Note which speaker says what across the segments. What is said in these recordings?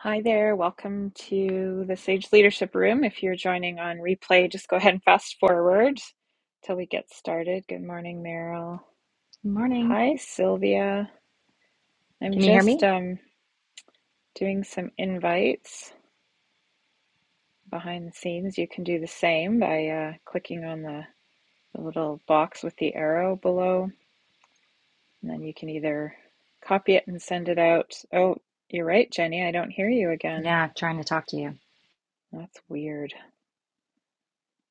Speaker 1: Hi there, welcome to the Sage Leadership Room. If you're joining on replay, just go ahead and fast forward till we get started. Good morning, Meryl.
Speaker 2: Morning.
Speaker 1: Hi, Sylvia. I'm
Speaker 2: Can you hear
Speaker 1: just
Speaker 2: me?
Speaker 1: um, doing some invites behind the scenes. You can do the same by uh, clicking on the, the little box with the arrow below, and then you can either copy it and send it out. Oh, you're right, Jenny, I don't hear you again.
Speaker 2: Yeah, I'm trying to talk to you.
Speaker 1: That's weird.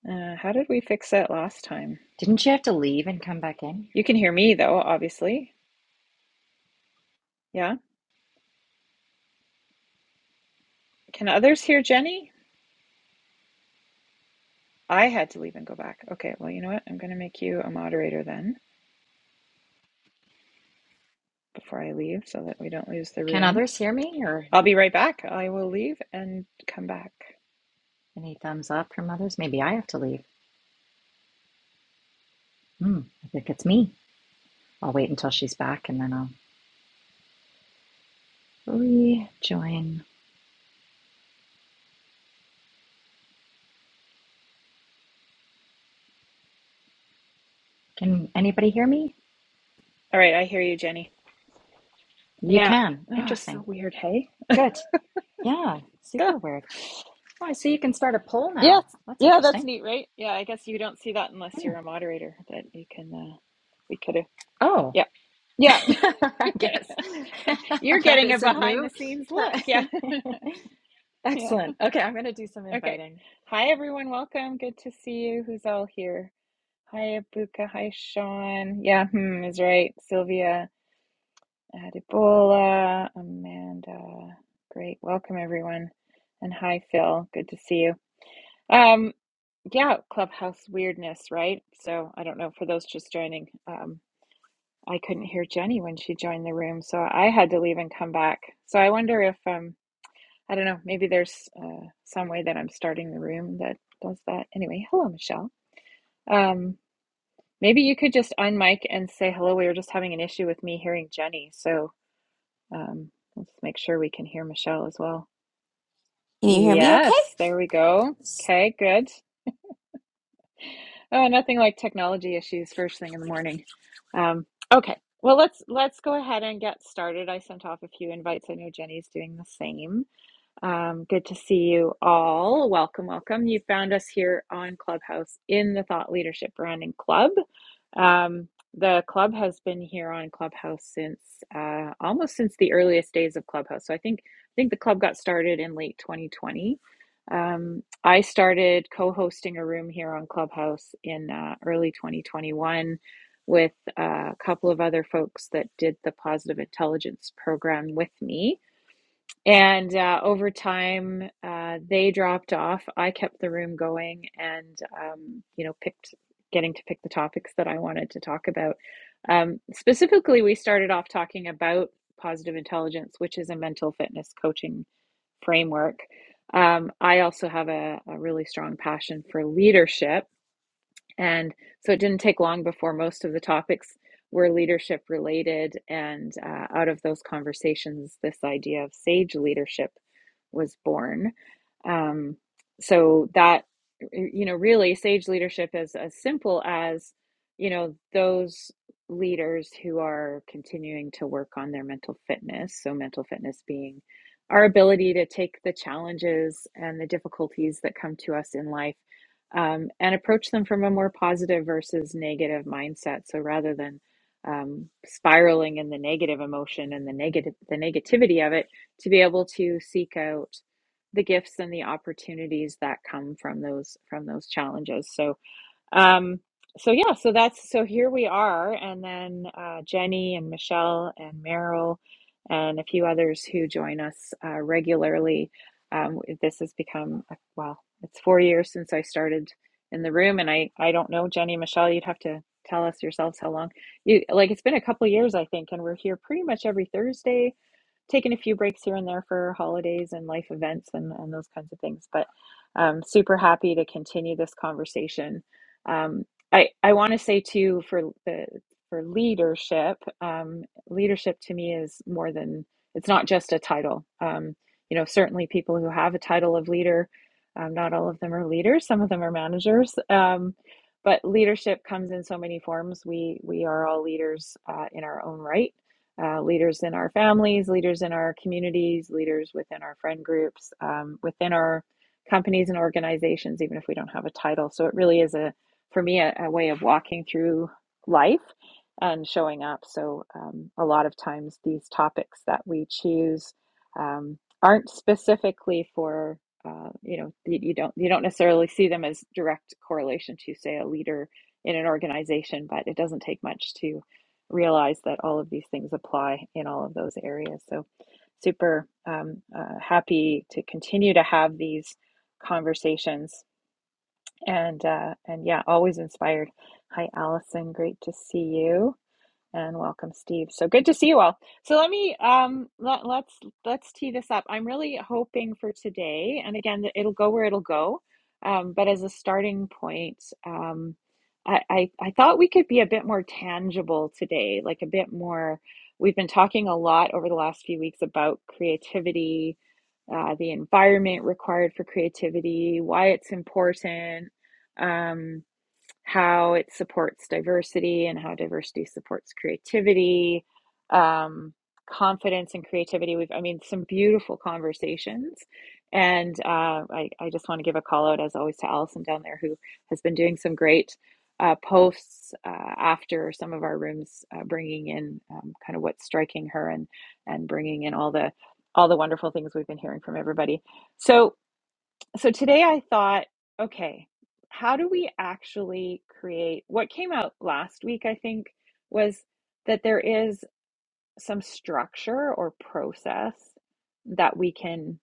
Speaker 1: Uh, how did we fix that last time?
Speaker 2: Didn't you have to leave and come back in?
Speaker 1: You can hear me though, obviously. Yeah. Can others hear Jenny? I had to leave and go back. Okay, well, you know what? I'm going to make you a moderator then before I leave so that we don't lose the
Speaker 2: Can
Speaker 1: room.
Speaker 2: others hear me or
Speaker 1: I'll be right back. I will leave and come back.
Speaker 2: any thumbs up from others? Maybe I have to leave. Hmm, I think it's me. I'll wait until she's back and then I'll rejoin. Can anybody hear me?
Speaker 1: All right, I hear you, Jenny.
Speaker 2: You
Speaker 1: Yeah.
Speaker 2: can.
Speaker 1: Oh, so
Speaker 2: Interesting.
Speaker 1: weird, hey?
Speaker 2: Good. Yeah,
Speaker 1: Duh.
Speaker 2: super weird. Oh, I see you can start a poll
Speaker 1: Yes.
Speaker 2: now. That's
Speaker 1: Yeah, that's
Speaker 2: interesting.
Speaker 1: neat, right? Yeah, I guess you don't see that unless
Speaker 2: Yeah.
Speaker 1: you're a moderator that you can uh we could have
Speaker 2: Oh,
Speaker 1: Yeah. Yeah.
Speaker 2: I guess
Speaker 1: you're
Speaker 2: that
Speaker 1: getting a
Speaker 2: isn't
Speaker 1: behind the
Speaker 2: new.
Speaker 1: scenes look. Yeah.
Speaker 2: Excellent. Okay, I'm going to do some
Speaker 1: Okay.
Speaker 2: inviting.
Speaker 1: Hi, everyone. Welcome. Good to see you. Who's all here? Hi, Abuka. Hi, Sean. Yeah, hmm, is right. Sylvia, Adibola, Amanda. Great. Welcome, everyone. And hi, Phil. Good to see you. Um, yeah, clubhouse weirdness, right? So I don't know for those just joining. Um, I couldn't hear Jenny when she joined the room, so I had to leave and come back. So I wonder if um I don't know. Maybe there's uh, some way that I'm starting the room that does that. Anyway, hello, Michelle. Um, maybe you could just unmic and say hello. We were just having an issue with me hearing Jenny, so um, let's make sure we can hear Michelle as well.
Speaker 3: Can you hear me okay?
Speaker 1: Yes, there we go. Okay, good. Oh, nothing like technology issues first thing in the morning. Um, okay, well let's let's go ahead and get started. I sent off a few invites. I know Jenny's doing the same. Um, good to see you all. Welcome, welcome. You found us here on Clubhouse in the Thought Leadership Branding Club. Um, the club has been here on Clubhouse since uh, almost since the earliest days of Clubhouse. So I think I think the club got started in late 2020. Um, I started co-hosting a room here on Clubhouse in uh, early 2021 with uh, a couple of other folks that did the Positive Intelligence program with me and uh, over time, uh, they dropped off. I kept the room going and, um, you know, picked, getting to pick the topics that I wanted to talk about. Um, specifically, we started off talking about positive intelligence, which is a mental fitness coaching framework. Um, I also have a, a really strong passion for leadership. And so it didn't take long before most of the topics were leadership related. And uh, out of those conversations, this idea of sage leadership was born. Um, so that, you know, really sage leadership is as simple as, you know, those leaders who are continuing to work on their mental fitness. So, mental fitness being our ability to take the challenges and the difficulties that come to us in life um, and approach them from a more positive versus negative mindset. So, rather than um, spiraling in the negative emotion and the negative the negativity of it to be able to seek out the gifts and the opportunities that come from those from those challenges so um so yeah so that's so here we are and then uh, jenny and michelle and meryl and a few others who join us uh, regularly um, this has become a, well it's four years since i started in the room and i i don't know jenny michelle you'd have to tell us yourselves how long you like it's been a couple years i think and we're here pretty much every thursday taken a few breaks here and there for holidays and life events and, and those kinds of things. But um, super happy to continue this conversation. Um, I I want to say too for the for leadership, um, leadership to me is more than it's not just a title. Um, you know, certainly people who have a title of leader, um, not all of them are leaders. Some of them are managers. Um, but leadership comes in so many forms. We we are all leaders uh, in our own right uh, leaders in our families, leaders in our communities, leaders within our friend groups, um, within our companies and organizations, even if we don't have a title. So it really is a, for me, a, a way of walking through life and showing up. So um, a lot of times these topics that we choose um, aren't specifically for. Uh, you know, you, you don't you don't necessarily see them as direct correlation to, say, a leader in an organization, but it doesn't take much to realize that all of these things apply in all of those areas. So, super um, uh, happy to continue to have these conversations, and uh, and yeah, always inspired. Hi, Allison. Great to see you and welcome Steve. So good to see you all. So let me um let, let's let's tee this up. I'm really hoping for today and again it'll go where it'll go. Um, but as a starting point, um, I, I I thought we could be a bit more tangible today, like a bit more we've been talking a lot over the last few weeks about creativity, uh, the environment required for creativity, why it's important. Um, how it supports diversity and how diversity supports creativity, um, confidence and creativity. We've, I mean, some beautiful conversations. And uh, I, I just want to give a call out, as always, to Allison down there, who has been doing some great uh, posts uh, after some of our rooms, uh, bringing in um, kind of what's striking her and and bringing in all the all the wonderful things we've been hearing from everybody. So so today I thought, okay, how do we actually create what came out last week? I think was that there is some structure or process that we can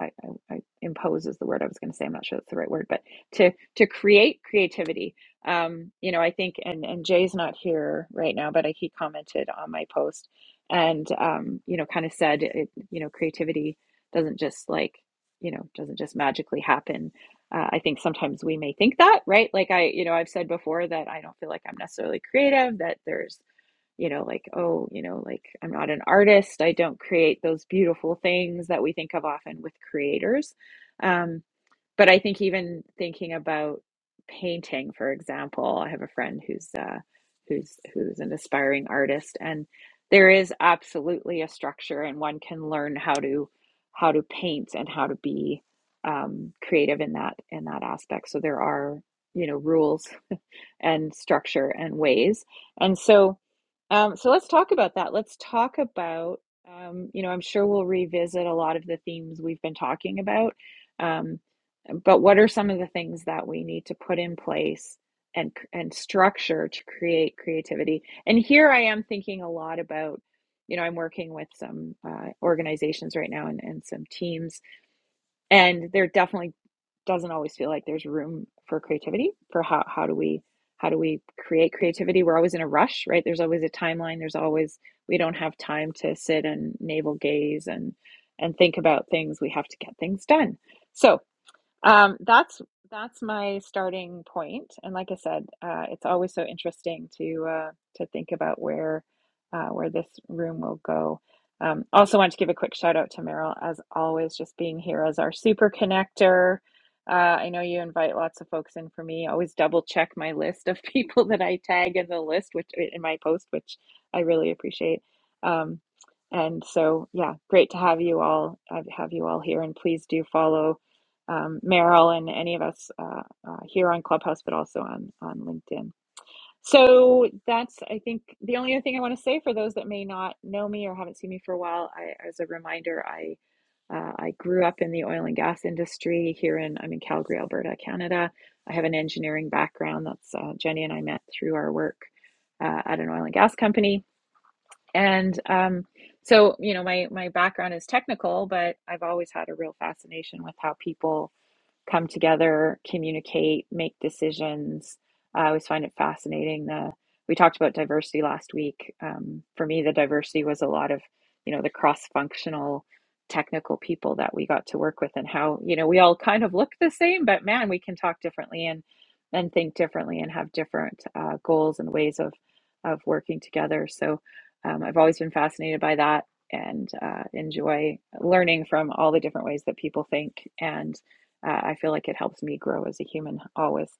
Speaker 1: I, I, I impose is the word I was going to say. I'm not sure that's the right word, but to to create creativity. Um, you know, I think and and Jay's not here right now, but I, he commented on my post and um, you know, kind of said, it, you know, creativity doesn't just like you know doesn't just magically happen. Uh, I think sometimes we may think that, right? Like I, you know, I've said before that I don't feel like I'm necessarily creative. That there's you know, like, oh, you know, like I'm not an artist. I don't create those beautiful things that we think of often with creators. Um, but I think even thinking about painting, for example, I have a friend who's uh, who's who's an aspiring artist, and there is absolutely a structure, and one can learn how to how to paint and how to be um, creative in that in that aspect. So there are you know rules and structure and ways, and so um, so let's talk about that. Let's talk about, um, you know, I'm sure we'll revisit a lot of the themes we've been talking about. Um, but what are some of the things that we need to put in place and and structure to create creativity? And here I am thinking a lot about, you know, I'm working with some uh, organizations right now and, and some teams, and they're definitely doesn't always feel like there's room for creativity for how, how do we how do we create creativity we're always in a rush right there's always a timeline there's always we don't have time to sit and navel gaze and and think about things we have to get things done so um, that's that's my starting point, and like I said, uh, it's always so interesting to uh, to think about where uh, where this room will go. Um, also, want to give a quick shout out to Meryl, as always, just being here as our super connector. Uh, I know you invite lots of folks in for me. Always double check my list of people that I tag in the list, which in my post, which I really appreciate. Um, and so, yeah, great to have you all. Have have you all here, and please do follow um, Meryl and any of us uh, uh, here on Clubhouse, but also on, on LinkedIn. So that's, I think, the only other thing I want to say for those that may not know me or haven't seen me for a while. I, as a reminder, I uh, I grew up in the oil and gas industry here in I'm in Calgary, Alberta, Canada. I have an engineering background. That's uh, Jenny and I met through our work uh, at an oil and gas company, and um, so you know my my background is technical, but I've always had a real fascination with how people come together, communicate, make decisions. I always find it fascinating. The we talked about diversity last week. Um, for me, the diversity was a lot of you know the cross-functional technical people that we got to work with and how you know we all kind of look the same but man we can talk differently and and think differently and have different uh, goals and ways of of working together so um, i've always been fascinated by that and uh, enjoy learning from all the different ways that people think and. Uh, I feel like it helps me grow as a human always.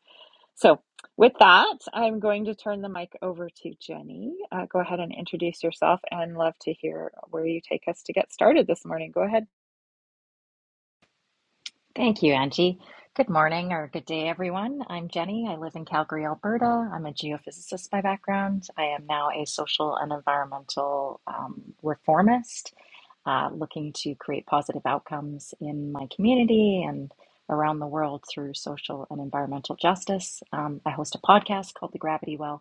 Speaker 1: So, with that, I'm going to turn the mic over to Jenny. Uh, go ahead and introduce yourself and love to hear where you take us to get started this morning. Go ahead.
Speaker 2: Thank you, Angie. Good morning or good day, everyone. I'm Jenny. I live in Calgary, Alberta. I'm a geophysicist by background. I am now a social and environmental um, reformist, uh, looking to create positive outcomes in my community and around the world through social and environmental justice. Um, I host a podcast called The Gravity Well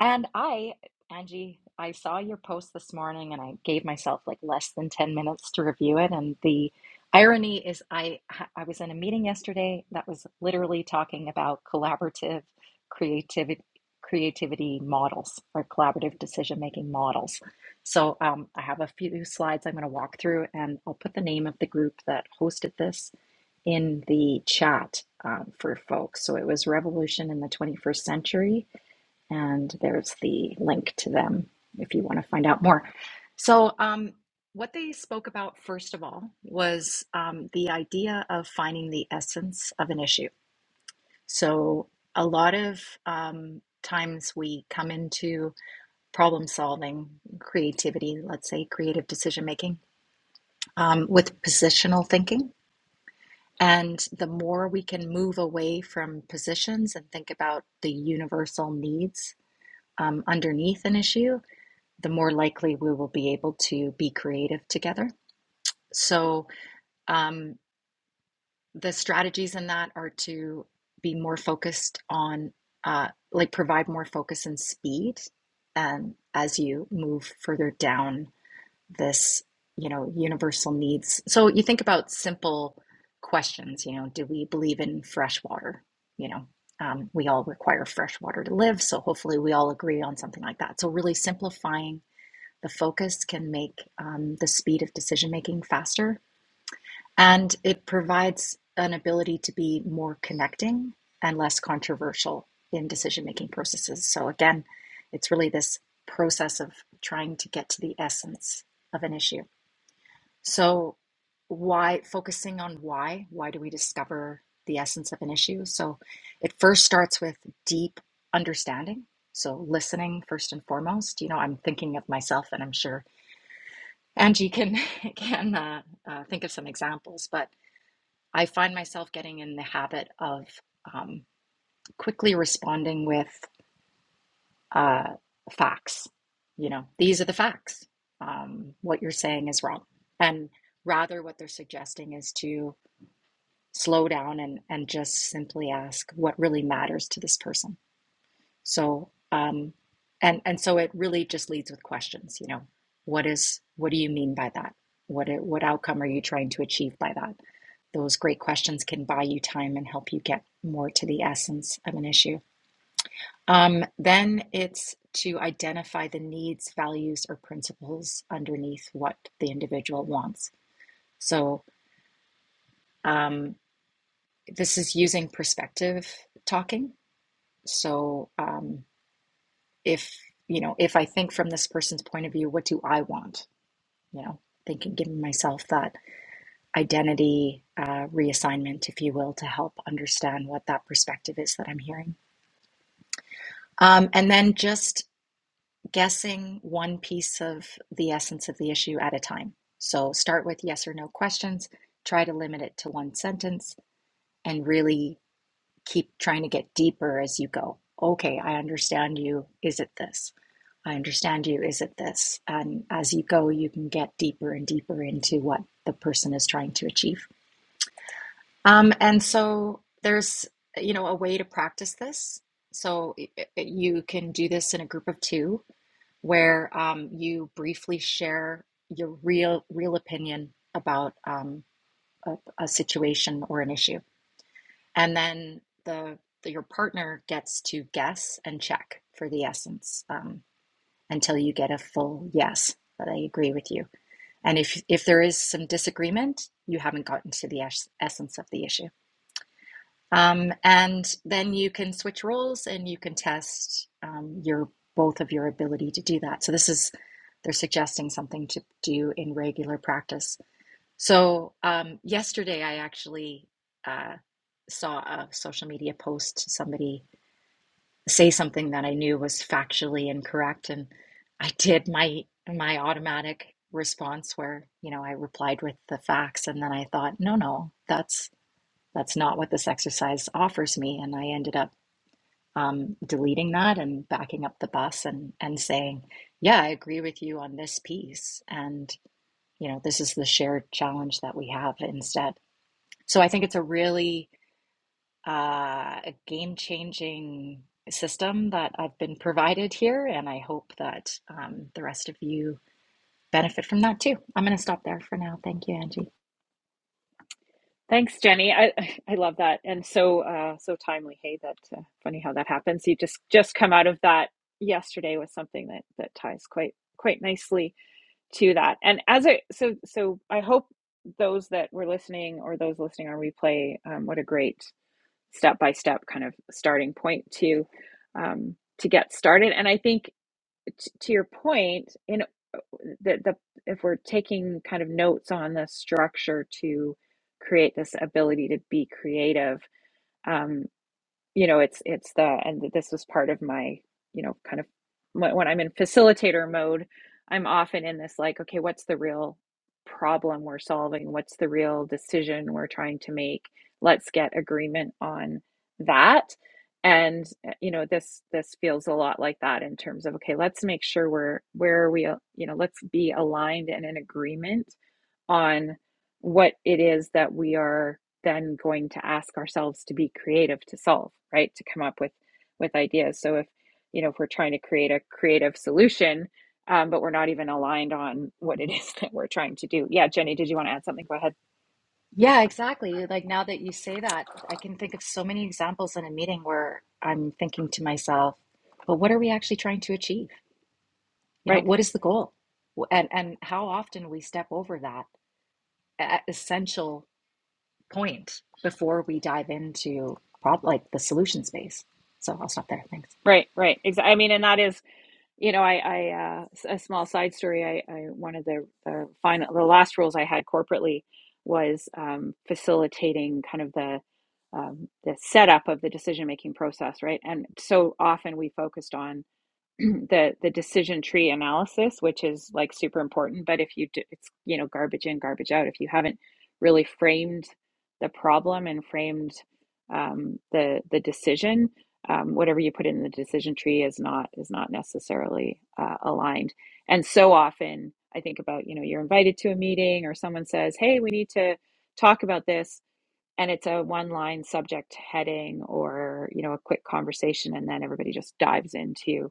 Speaker 2: And I, Angie, I saw your post this morning and I gave myself like less than 10 minutes to review it. And the irony is I I was in a meeting yesterday that was literally talking about collaborative creativity creativity models or collaborative decision making models. So um, I have a few slides I'm going to walk through and I'll put the name of the group that hosted this in the chat um, for folks. So it was Revolution in the 21st Century and there's the link to them if you want to find out more. So, um, what they spoke about first of all was um, the idea of finding the essence of an issue. So, a lot of um, times we come into problem solving, creativity, let's say creative decision making, um, with positional thinking. And the more we can move away from positions and think about the universal needs um, underneath an issue, the more likely we will be able to be creative together. So, um, the strategies in that are to be more focused on, uh, like, provide more focus and speed um, as you move further down this, you know, universal needs. So, you think about simple questions, you know, do we believe in fresh water? You know, um, we all require fresh water to live. So, hopefully, we all agree on something like that. So, really simplifying the focus can make um, the speed of decision making faster, and it provides an ability to be more connecting and less controversial in decision making processes. So, again, it's really this process of trying to get to the essence of an issue. So, why focusing on why? Why do we discover the essence of an issue? So, it first starts with deep understanding. So, listening first and foremost. You know, I'm thinking of myself, and I'm sure Angie can can uh, uh, think of some examples, but I find myself getting in the habit of um, quickly responding with uh, facts. You know, these are the facts. Um, what you're saying is wrong, and rather what they're suggesting is to slow down and and just simply ask what really matters to this person So, um, and and so it really just leads with questions. You know, what is what do you mean by that? What it, what outcome are you trying to achieve by that? Those great questions can buy you time and help you get more to the essence of an issue. Um, then it's to identify the needs, values, or principles underneath what the individual wants. So um, this is using perspective talking. So. Um, if you know if i think from this person's point of view what do i want you know thinking giving myself that identity uh, reassignment if you will to help understand what that perspective is that i'm hearing um, and then just guessing one piece of the essence of the issue at a time so start with yes or no questions try to limit it to one sentence and really keep trying to get deeper as you go okay i understand you is it this I understand you, is it this? And as you go, you can get deeper and deeper into what the person is trying to achieve. Um, and so there's, you know, a way to practice this. So i- i- you can do this in a group of two where um, you briefly share your real, real opinion about um, a, a situation or an issue. And then the, the your partner gets to guess and check for the essence. Um, until you get a full yes that I agree with you. And if if there is some disagreement, you haven't gotten to the es- essence of the issue. Um, and then you can switch roles and you can test um, your both of your ability to do that. So this is they're suggesting something to do in regular practice. So um, yesterday I actually uh, saw a social media post somebody say something that I knew was factually incorrect, and I did my my automatic response where you know I replied with the facts, and then I thought, no, no, that's that's not what this exercise offers me, and I ended up um, deleting that and backing up the bus and and saying, yeah, I agree with you on this piece, and you know this is the shared challenge that we have instead. So I think it's a really uh, a game-changing system that I've been provided here, and I hope that um, the rest of you benefit from that too. I'm going to stop there for now. Thank you, Angie.
Speaker 1: Thanks, Jenny. I, I love that. And so, uh, so timely. Hey, that uh, funny how that happens. You just, just come out of that yesterday with something that, that ties quite, quite nicely to that. And as I, so, so I hope those that were listening or those listening on replay, um, what a great step by step kind of starting point to um, to get started. And I think t- to your point, in the, the if we're taking kind of notes on the structure to create this ability to be creative, um, you know it's it's the and this was part of my you know kind of when, i'm in facilitator mode i'm often in this like okay what's the real problem we're solving what's the real decision we're trying to make let's get agreement on that and uh, you know this this feels a lot like that in terms of okay let's make sure we're where are we uh, you know let's be aligned and in agreement on what it is that we are then going to ask ourselves to be creative to solve right to come up with with ideas so if you know if we're trying to create a creative solution um, but we're not even aligned on what it is that we're trying to do yeah jenny did you want to add something go ahead
Speaker 2: Yeah, exactly. Like now that you say that, I can think of so many examples in a meeting where I'm thinking to myself, but what are we actually trying to achieve? You know,
Speaker 1: right
Speaker 2: what is the goal? And and how often we step over that e- essential point before we dive into prob like the solution space. So I'll stop there. Thanks.
Speaker 1: right right Exactly. i mean and that is You know, I, I uh, s- a small side story. I, I one of the, the final, the last roles I had corporately was um, facilitating kind of the um, the setup of the decision making process, right? And so often we focused on the the decision tree analysis, which is like super important. But if you do, it's you know garbage in, garbage out. If you haven't really framed the problem and framed um, the the decision, um, whatever you put in the decision tree is not is not necessarily uh, aligned. And so often, I think about you know you're invited to a meeting or someone says, "Hey, we need to talk about this." And it's a one line subject heading or, you know, a quick conversation, and then everybody just dives into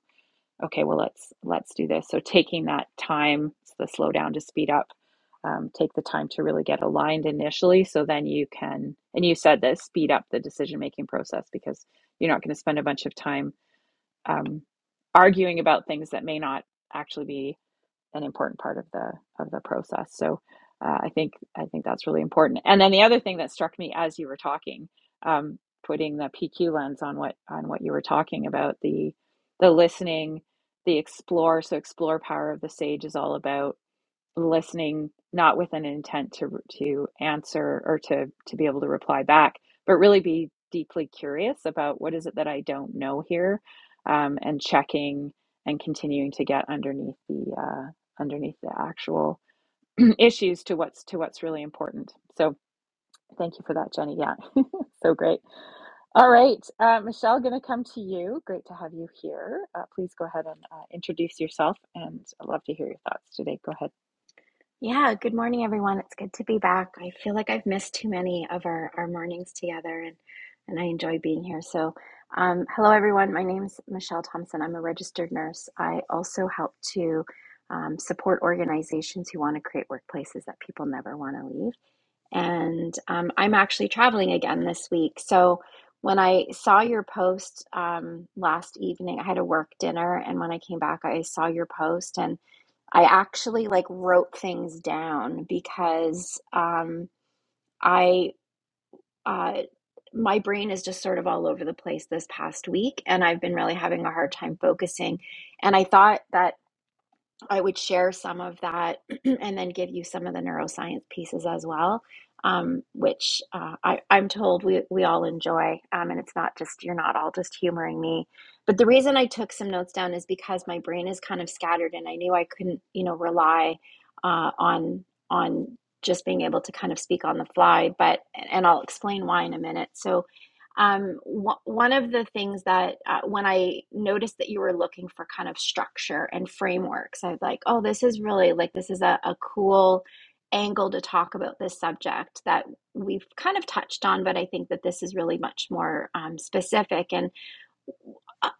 Speaker 1: okay well let's let's do this so taking that time it's the slow down to speed up um, take the time to really get aligned initially so then you can and you said that speed up the decision making process because you're not going to spend a bunch of time um, arguing about things that may not actually be an important part of the of the process. So uh, I think I think that's really important. And then the other thing that struck me as you were talking, um, putting the PQ lens on what on what you were talking about the the listening, the explore. So explore power of the sage is all about listening not with an intent to to answer or to to be able to reply back but really be deeply curious about what is it that i don't know here um, and checking and continuing to get underneath the uh, underneath the actual issues to what's to what's really important so thank you for that jenny yeah so great all right, uh, Michelle, going to come to you. Great to have you here. Uh, please go ahead and uh, introduce yourself, and I'd love to hear your thoughts today. Go ahead.
Speaker 3: Yeah, good morning, everyone. It's good to be back. I feel like I've missed too many of our, our mornings together, and, and I enjoy being here. So, um, hello, everyone. My name's Michelle Thompson. I'm a registered nurse. I also help to um, support organizations who want to create workplaces that people never want to leave. And um, I'm actually traveling again this week. So, when I saw your post um, last evening, I had a work dinner, and when I came back, I saw your post and I actually like wrote things down because um, I uh, my brain is just sort of all over the place this past week, and I've been really having a hard time focusing. And I thought that I would share some of that and then give you some of the neuroscience pieces as well, um, which uh, I, I'm told we, we all enjoy. Um, and it's not just, you're not all just humoring me. But the reason I took some notes down is because my brain is kind of scattered and I knew I couldn't, you know, rely uh, on, on just being able to kind of speak on the fly. But, and I'll explain why in a minute. So, um, wh- one of the things that uh, when I noticed that you were looking for kind of structure and frameworks, I was like, oh, this is really like this is a, a cool angle to talk about this subject that we've kind of touched on, but I think that this is really much more um, specific. And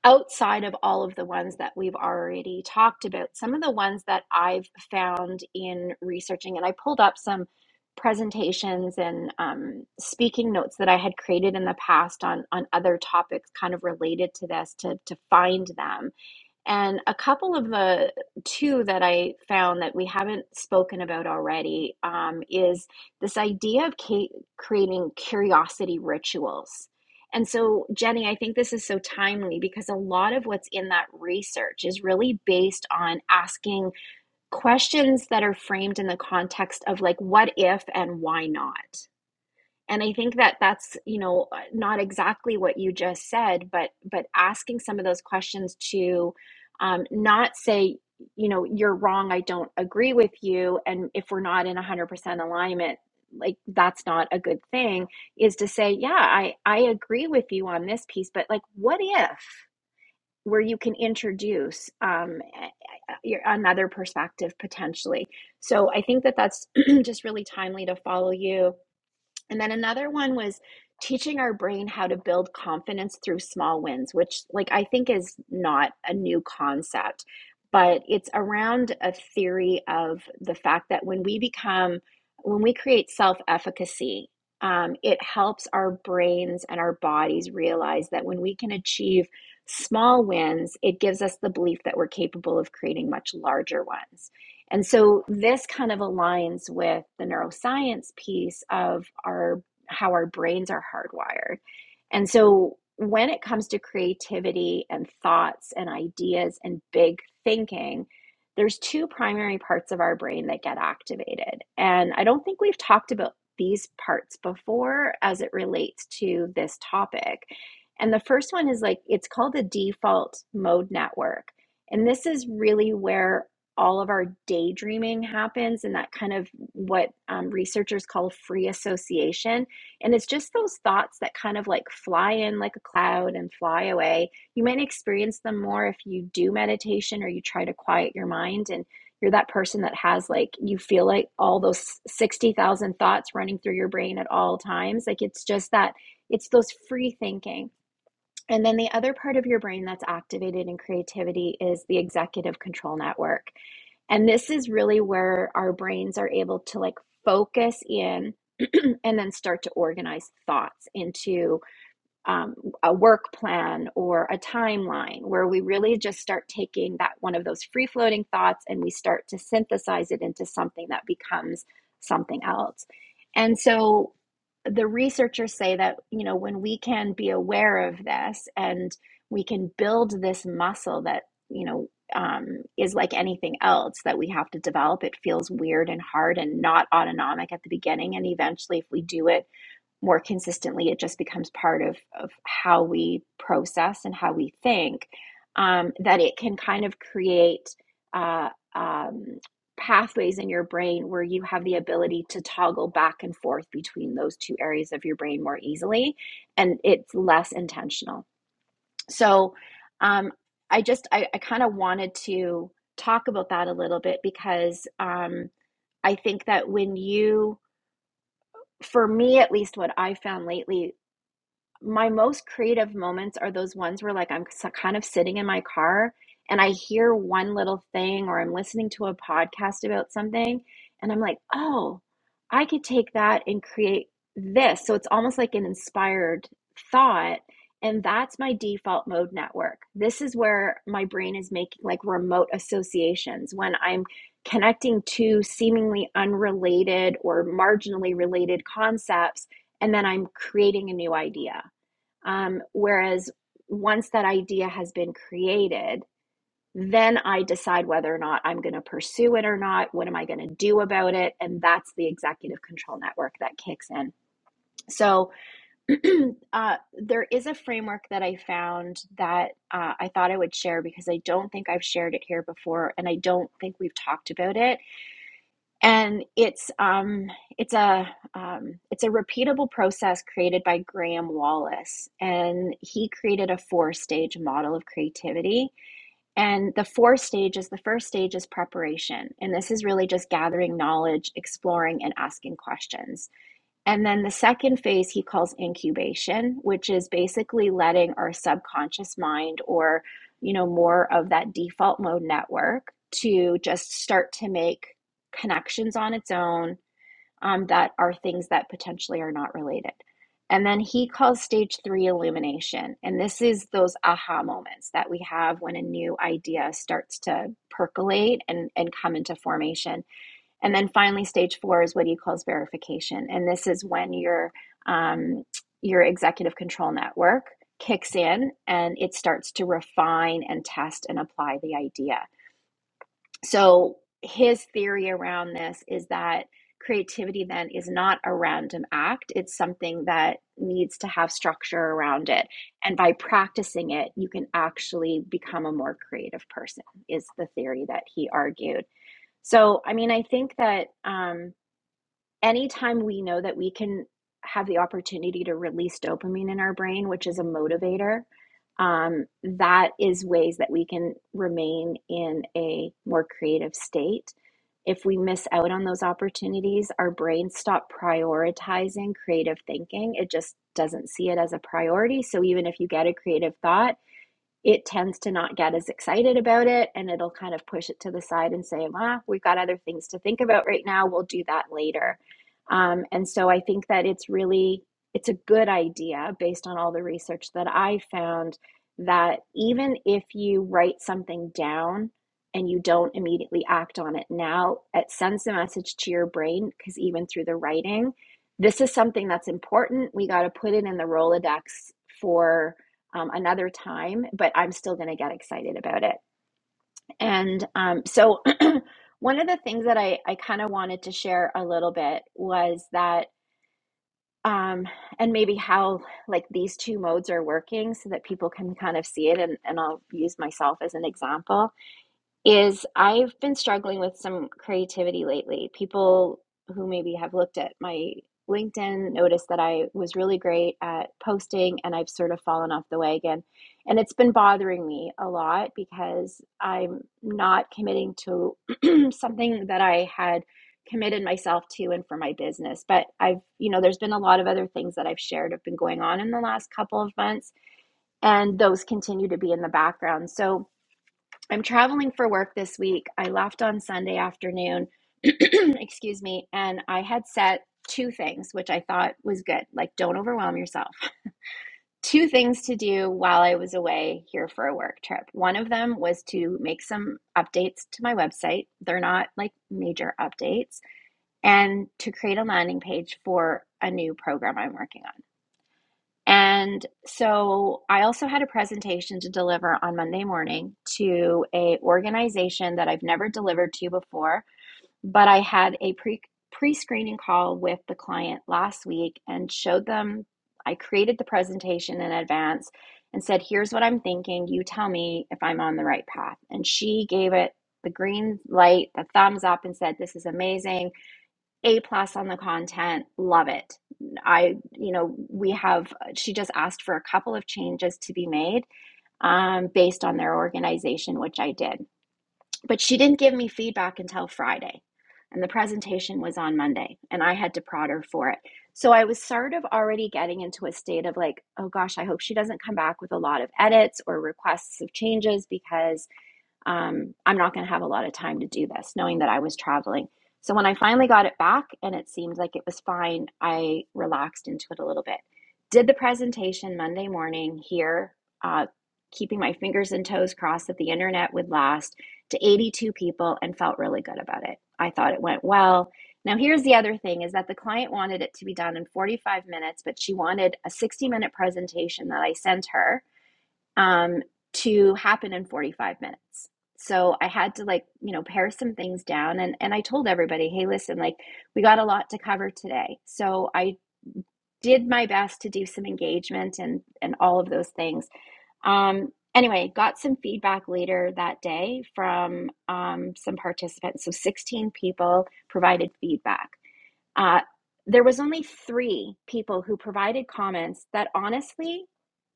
Speaker 3: outside of all of the ones that we've already talked about, some of the ones that I've found in researching, and I pulled up some presentations and um, speaking notes that I had created in the past on on other topics kind of related to this to to find them and a couple of the two that I found that we haven't spoken about already um, is this idea of ca- creating curiosity rituals. And so, Jenny, I think this is so timely because a lot of what's in that research is really based on asking questions that are framed in the context of, like, what if and why not? and i think that that's you know uh, not exactly what you just said but but asking some of those questions to um, not say you know you're wrong i don't agree with you and if we're not in 100% alignment like that's not a good thing is to say yeah i i agree with you on this piece but like what if where you can introduce um your- another perspective potentially so i think that that's just really timely to follow you and then another one was teaching our brain how to build confidence through small wins, which like I think is not a new concept, but it's around a theory of the fact that when we become when we create self-efficacy, um, it helps our brains and our bodies realize that when we can achieve small wins, it gives us the belief that we're capable of creating much larger ones. And so this kind of aligns with the neuroscience piece of our how our brains are hardwired. And so when it comes to creativity and thoughts and ideas and big thinking, there's two primary parts of our brain that get activated. And I don't think we've talked about these parts before as it relates to this topic. And the first one is like it's called the default mode network. And this is really where all of our daydreaming happens and that kind of what um, researchers call free association and it's just those thoughts that kind of like fly in like a cloud and fly away you might experience them more if you do meditation or you try to quiet your mind and you're that person that has like you feel like all those 60,000 thoughts running through your brain at all times like it's just that it's those free thinking and then the other part of your brain that's activated in creativity is the executive control network and this is really where our brains are able to like focus in and then start to organize thoughts into um, a work plan or a timeline where we really just start taking that one of those free floating thoughts and we start to synthesize it into something that becomes something else. And so the researchers say that, you know, when we can be aware of this and we can build this muscle that, you know, um, is like anything else that we have to develop. It feels weird and hard and not autonomic at the beginning. And eventually, if we do it, more consistently, it just becomes part of, of how we process and how we think, um, that it can kind of create uh, um, pathways in your brain where you have the ability to toggle back and forth between those two areas of your brain more easily, and it's less intentional. So um, I just, I, I kind of wanted to talk about that a little bit because um, I think that when you, for me at least, what I found lately my most creative moments are those ones where like I'm kind of sitting in my car and I hear one little thing or I'm listening to a podcast about something and I'm like, "Oh, I could take that and create this." So it's almost like an inspired thought and that's my default mode network. This is where my brain is making like remote associations when I'm connecting to seemingly unrelated or marginally related concepts and then I'm creating a new idea. Um, whereas once that idea has been created, then I decide whether or not I'm going to pursue it or not. What am I going to do about it? And that's the executive control network that kicks in. So uh, there is a framework that I found that uh, I thought I would share because I don't think I've shared it here before, and I don't think we've talked about it and it's um, it's a um, it's a repeatable process created by Graham Wallace, and he created a four stage model of creativity. And the four stages, the first stage is preparation, and this is really just gathering knowledge, exploring, and asking questions. And then the second phase he calls incubation, which is basically letting our subconscious mind or, you know, more of that default mode network to just start to make connections on its own um, that are things that potentially are not related. And then he calls stage three illumination. And this is those aha moments that we have when a new idea starts to percolate and, and come into formation. And then finally, stage four is what he calls verification. And this is when your um, your executive control network kicks in and it starts to refine and test and apply the idea. So his theory around this is that creativity then is not a random act. It's something that needs to have structure around it. And by practicing it, you can actually become a more creative person, is the theory that he argued. So, I mean, I think that. Um, anytime we know that we can have the opportunity to release dopamine in our brain, which is a motivator, um, that is ways that we can remain in a more creative state. If we miss out on those opportunities, our brain stop prioritizing creative thinking. It just doesn't see it as a priority. So even if you get a creative thought, it tends to not get as excited about it and it'll kind of push it to the side and say, ah, we've got other things to think about right now. We'll do that later. Um, and so I think that it's really it's a good idea based on all the research that I found that even if you write something down and you don't immediately act on it now, it sends the message to your brain because even through the writing, this is something that's important. We got to put it in the Rolodex for um, another time, but I'm still going to get excited about it. And um, so, one of the things that I, I kind of wanted to share a little bit was that, um, and maybe how like these two modes are working so that people can kind of see it. And, and I'll use myself as an example is I've been struggling with some creativity lately. People who maybe have looked at my LinkedIn noticed that I was really great at posting and I've sort of fallen off the wagon. And it's been bothering me a lot because I'm not committing to something that I had committed myself to and for my business. But I've, you know, there's been a lot of other things that I've shared have been going on in the last couple of months, and those continue to be in the background. So, I'm traveling for work this week. I left on Sunday afternoon, excuse me, and I had set two things, which I thought was good. Like, don't overwhelm yourself. Two things to do while I was away here for a work trip. One of them was to make some updates to my website. They're not like major updates, and to create a landing page for a new program I'm working on. And so I also had a presentation to deliver on Monday morning to a organization that I've never delivered to before, but I had a pre pre-screening call with the client last week and showed them I created the presentation in advance and said, "Here's what I'm thinking. You tell me if I'm on the right path." And she gave it the green light, the thumbs up and said, "This is amazing. A plus on the content. Love it. I, you know, we have, she just asked for a couple of changes to be made um, based on their organization, which I did. But she didn't give me feedback until Friday. And the presentation was on Monday, and I had to prod her for it. So I was sort of already getting into a state of like, oh gosh, I hope she doesn't come back with a lot of edits or requests of changes because um, I'm not going to have a lot of time to do this, knowing that I was traveling. So when I finally got it back and it seemed like it was fine, I relaxed into it a little bit. Did the presentation Monday morning here, uh, keeping my fingers and toes crossed that the internet would last to 82 people and felt really good about it. I thought it went well. Now here's the other thing is that the client wanted it to be done in 45 minutes, but she wanted a 60 minute presentation that I sent her um, to happen in 45 minutes. So I had to like, you know, pare some things down and and I told everybody, "Hey, listen, like we got a lot to cover today." So I did my best to do some engagement and and all of those things um, anyway, got some feedback later that day from um, some participants. So 16 people provided feedback. Uh, there was only three people who provided comments that honestly,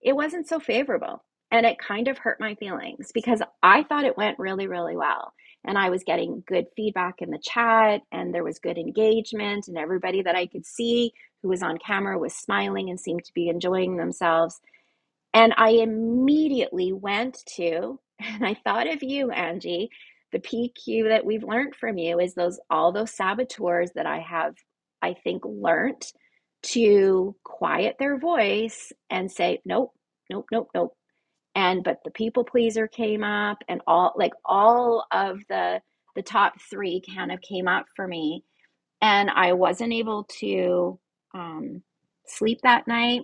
Speaker 3: it wasn't so favorable. And it kind of hurt my feelings because I thought it went really, really well. And I was getting good feedback in the chat, and there was good engagement, and everybody that I could see who was on camera was smiling and seemed to be enjoying themselves. And I immediately went to, and I thought of you, Angie, the PQ that we've learned from you is those all those saboteurs that I have, I think, learned to quiet their voice and say, nope, nope, nope, nope. And but the people pleaser came up and all like all of the the top three kind of came up for me. And I wasn't able to um, sleep that night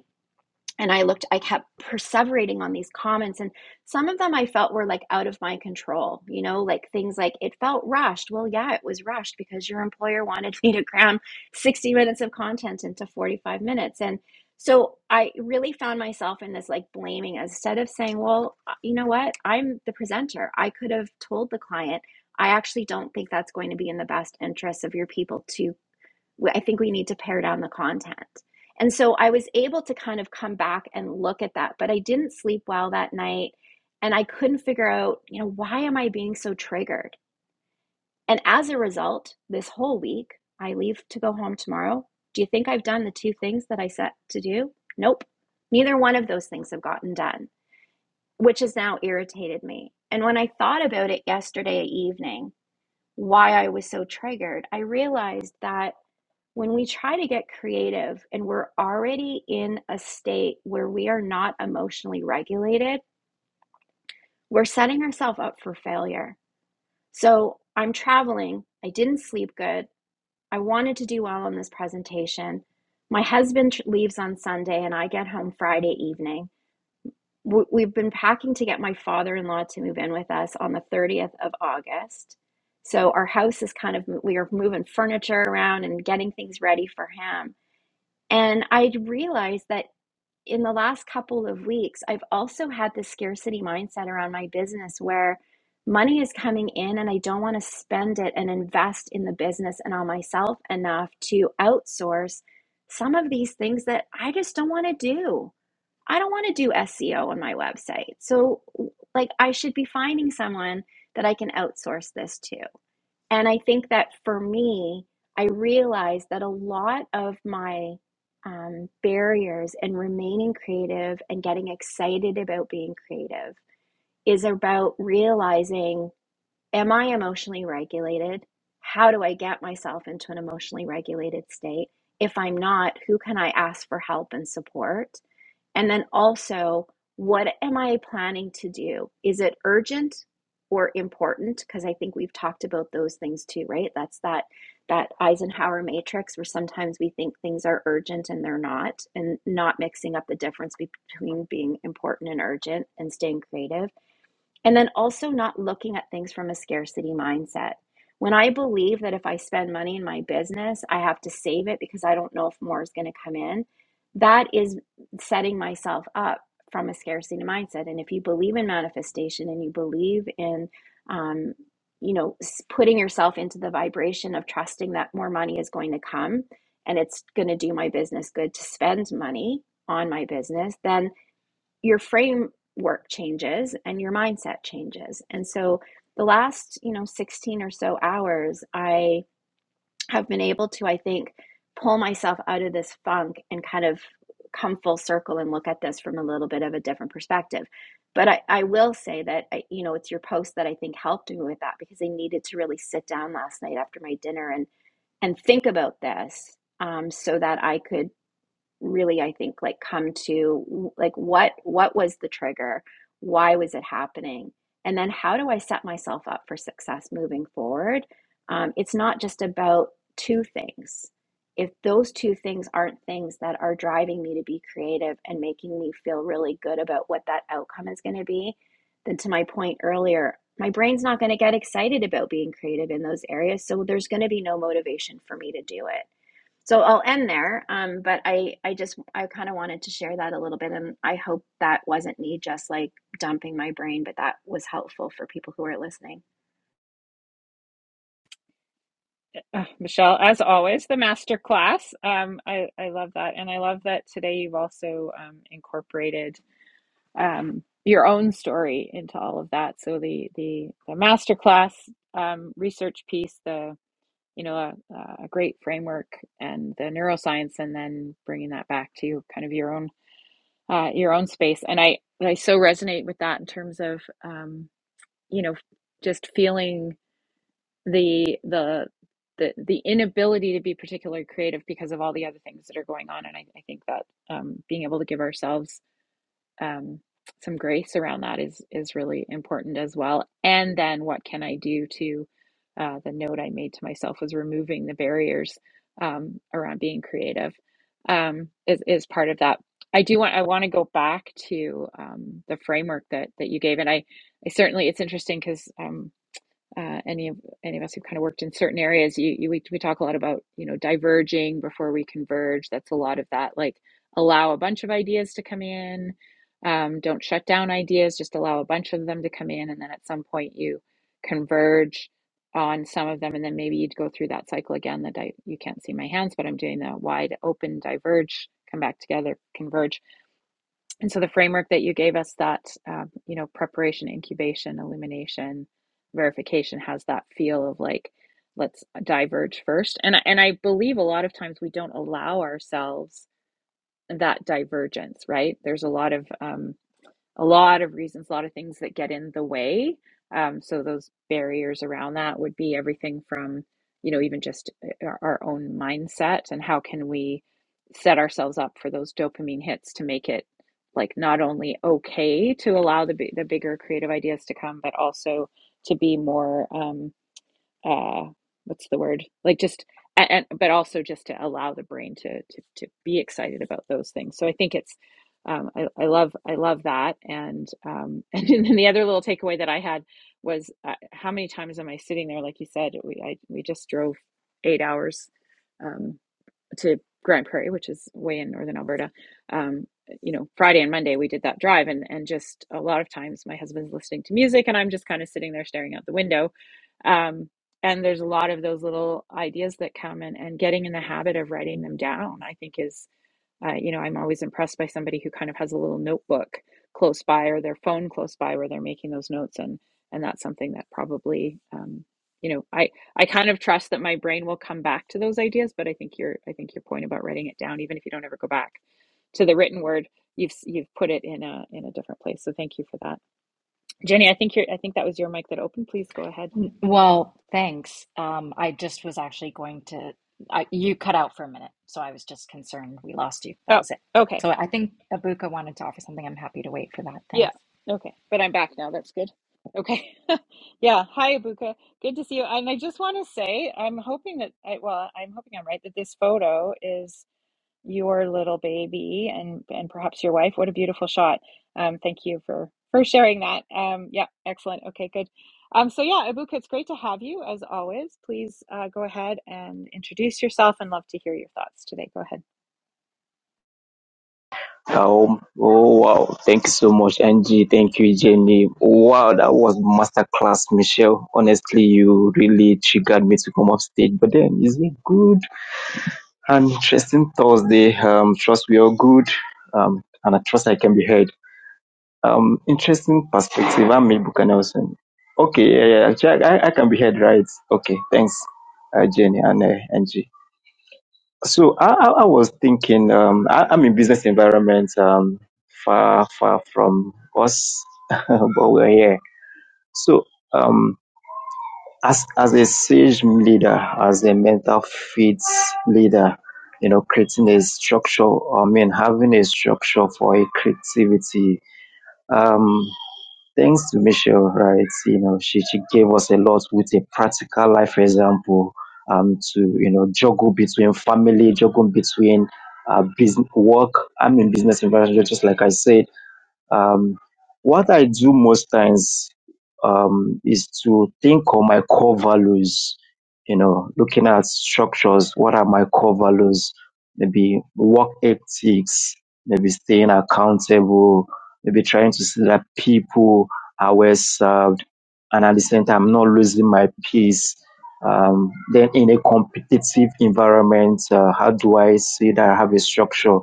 Speaker 3: and I looked, I kept perseverating on these comments, and some of them I felt were like out of my control, you know, like things like it felt rushed. Well, yeah, it was rushed because your employer wanted me to cram 60 minutes of content into 45 minutes. And so I really found myself in this like blaming instead of saying, well, uh, you know what, I'm the presenter. I could have told the client, I actually don't think that's going to be in the best interest of your people to I think we need to pare down the content. And so I was able to kind of come back and look at that, but I didn't sleep well that night and I couldn't figure out, you know, why am I being so triggered? And as a result, this whole week, I leave to go home tomorrow. Do you think I've done the two things that I set to do? Nope. Neither one of those things have gotten done, which has now irritated me. And when I thought about it yesterday evening, why I was so triggered, I realized that when we try to get creative and we're already in a state where we are not emotionally regulated, we're setting ourselves up for failure. So I'm traveling. I didn't sleep good. I wanted to do well on this presentation. My husband leaves on Sunday and I get home Friday evening. We've been packing to get my father in law to move in with us on the 30th of August. So our house is kind of, we are moving furniture around and getting things ready for him. And I realized that in the last couple of weeks, I've also had this scarcity mindset around my business where money is coming in and I don't want to spend it and invest in the business and on myself enough to outsource some of these things that I just don't want to do. I don't want to do SEO on my website. So, like, I should be finding someone that I can outsource this to. And I think that for me, I realized that a lot of my um, barriers in remaining creative and getting excited about being creative is about realizing am I emotionally regulated? How do I get myself into an emotionally regulated state? If I'm not, who can I ask for help and support? And then also, what am I planning to do? Is it urgent or important? Because I think we've talked about those things too, right? That's that that Eisenhower matrix where sometimes we think things are urgent and they're not, and not mixing up the difference between being important and urgent and staying creative and then also not looking at things from a scarcity mindset. When I believe that if I spend money in my business, I have to save it because I don't know if more is going to come in, that is setting myself up from a scarcity mindset. And if you believe in manifestation and you believe in, um, you know, putting yourself into the vibration of trusting that more money is going to come and it's going to do my business good to spend money on my business, then your framework changes and your mindset changes. And so the last, you know, 16 or so hours, I have been able to, I think, pull myself out of this funk and kind of come full circle and look at this from a little bit of a different perspective. But I, I will say that, I, you know, it's your post that I think helped me with that because I needed to really sit down last night after my dinner and, and think about this um, so that I could really i think like come to like what what was the trigger why was it happening and then how do i set myself up for success moving forward um, it's not just about two things if those two things aren't things that are driving me to be creative and making me feel really good about what that outcome is going to be then to my point earlier my brain's not going to get excited about being creative in those areas so there's going to be no motivation for me to do it so I'll end there. Um, but I, I just, I kind of wanted to share that a little bit, and I hope that wasn't me just like dumping my brain, but that was helpful for people who are listening.
Speaker 1: Uh, Michelle, as always, the master class. Um, I, I love that. And I love that today you've also um, incorporated um, your own story into all of that. So the the the masterclass um, research piece, the you know a, a great framework and the neuroscience, and then bringing that back to kind of your own uh, your own space. And I I so resonate with that in terms of um, you know just feeling the the the, the inability to be particularly creative because of all the other things that are going on and i, I think that um, being able to give ourselves um, some grace around that is is really important as well. And then what can I do to uh, the note I made to myself was removing the barriers um, around being creative um, is is part of that. I do want I want to go back to um, the framework that that you gave, and I, I certainly it's interesting because um uh, any of any of us who've kind of worked in certain areas, you, you we, we talk a lot about you know diverging before we converge. That's a lot of that. Like allow a bunch of ideas to come in. Um, don't shut down ideas. Just allow a bunch of them to come in, and then at some point you converge on some of them, and then maybe you'd go through that cycle again. That I you can't see my hands, but I'm doing the wide open diverge, come back together, converge and so the framework that you gave us that, um, you know, preparation, incubation, illumination, verification has that feel of like, let's diverge first. And, I- and I believe a lot of times we don't allow ourselves that divergence, right? There's a lot of, um, a lot of reasons, a lot of things that get in the way. Um, so those barriers around that would be everything from, you know, even just eh, eh, our, our own mindset and how can we set ourselves up for those dopamine hits to make it like not only okay to allow the bi- the bigger creative ideas to come, but also to be more um, uh what's the word like just and, and but also just to allow the brain to to to be excited about those things so i think it's um i, I love i love that and um and then the other little takeaway that i had was uh, how many times am i sitting there like you said we I, we just drove eight hours um to Grand Prairie, which is way in northern Alberta. Um, you know, Friday and Monday we did that drive, and and just a lot of times my husband's listening to music, and I'm just kind of sitting there staring out the window. Um, and there's a lot of those little ideas that come, and and getting in the habit of writing them down, I think is uh, you know, I'm always impressed by somebody who kind of has a little notebook close by or their phone close by where they're making those notes, and and that's something that probably, um, you know, I I kind of trust that my brain will come back to those ideas, but I think your I think your point about writing it down, even if you don't ever go back to the written word, you've s- you've put it in a in a different place. So thank you for that, Jenny. I think your I think that was your mic that opened. Please go ahead.
Speaker 2: N- Well, thanks. Um, I just was actually going to, I, you cut out for a minute, so I was just concerned we lost you. That
Speaker 1: Oh,
Speaker 2: was it.
Speaker 1: okay.
Speaker 2: So I think Abuka wanted to offer something. I'm happy to wait for that.
Speaker 1: Yeah.
Speaker 2: Thanks.
Speaker 1: Okay. But I'm back now. That's good. Okay. yeah. Hi, Abuka. Good to see you. And I just want to say, I'm hoping that I, well, I'm hoping I'm right that this photo is your little baby and and perhaps your wife. What a beautiful shot. Um, thank you for for sharing that. Um, yeah. Excellent. Okay. Good. Um, so yeah, Abuka, it's great to have you as always. Please uh, go ahead and introduce yourself and love to hear your thoughts today. Go ahead.
Speaker 4: Oh, oh wow. Thank you so much, Angie. Thank you, Jenny. Wow, that was masterclass, Michelle. Honestly, you really triggered me to come off stage. But then it's a good and interesting Thursday. Um, trust we are good. Um, and I trust I can be heard. Um, interesting perspective. I'm May Buchanan. Okay, yeah, yeah. Actually, I, I can be heard, right? Okay, thanks, uh, Jenny and uh, Angie. So I, I I was thinking, um, I, I'm in business environment, um, far, far from us, but we're here. So, um, as, as a sage leader, as a mental fits leader, you know, creating a structure, I mean, having a structure for a creativity, um, Thanks to Michelle, right? You know, she, she gave us a lot with a practical life example um, to, you know, juggle between family, juggle between uh, business, work. I'm in business environment, just like I said um, what I do most times um, is to think on my core values, you know, looking at structures. What are my core values? Maybe work ethics, maybe staying accountable, maybe trying to see that people are well served. And at the same time, not losing my peace. Um, then in a competitive environment, uh, how do I see that I have a structure?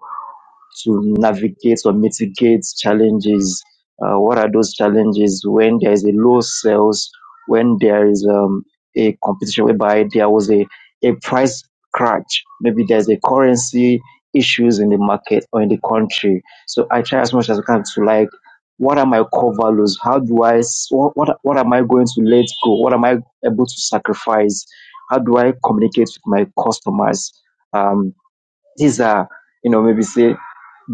Speaker 4: to navigate or mitigate challenges? Uh, what are those challenges when there is a low sales, when there is um, a competition whereby there was a, a price crash, maybe there's a currency issues in the market or in the country. So I try as much as I can to like, what are my core values? How do I, s- what, what, what am I going to let go? What am I able to sacrifice? How do I communicate with my customers? Um, these are, you know, maybe say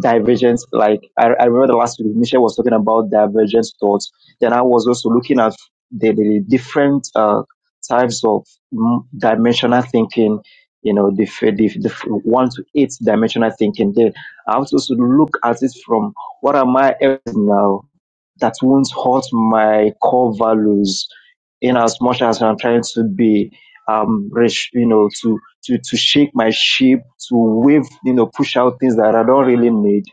Speaker 4: divergence. Like I, I remember the last week Michelle was talking about divergent thoughts. Then I was also looking at the, the different uh, types of mm, dimensional thinking. You know, the, f- the, the f- one to eight dimensional thinking. Then I was also look at it from what am I else now that won't hurt my core values in as much as I'm trying to be um rich, you know, to to, to shake my shape, to wave, you know, push out things that I don't really need.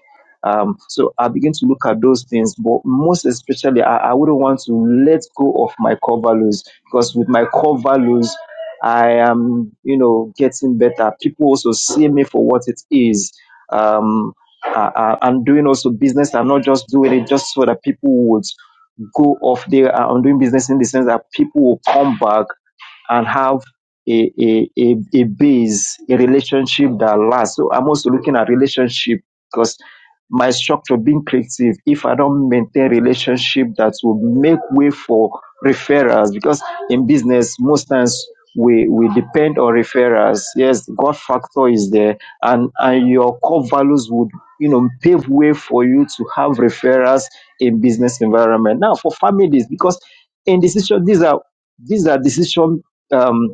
Speaker 4: Um, so I begin to look at those things, but most especially, I, I wouldn't want to let go of my core values because with my core values, I am, you know, getting better. People also see me for what it is. Um, I, I, I'm doing also business. I'm not just doing it just so that people would go off there. I'm doing business in the sense that people will come back and have a, a, a, a base, a relationship that lasts. So I'm also looking at relationship because my structure being creative, if I don't maintain relationship that will make way for referrals, because in business, most times we, we depend on referrals. Yes, the God factor is there and, and your core values would, you know, pave way for you to have referrals in business environment. Now for families, because in decision, these are, these are decision um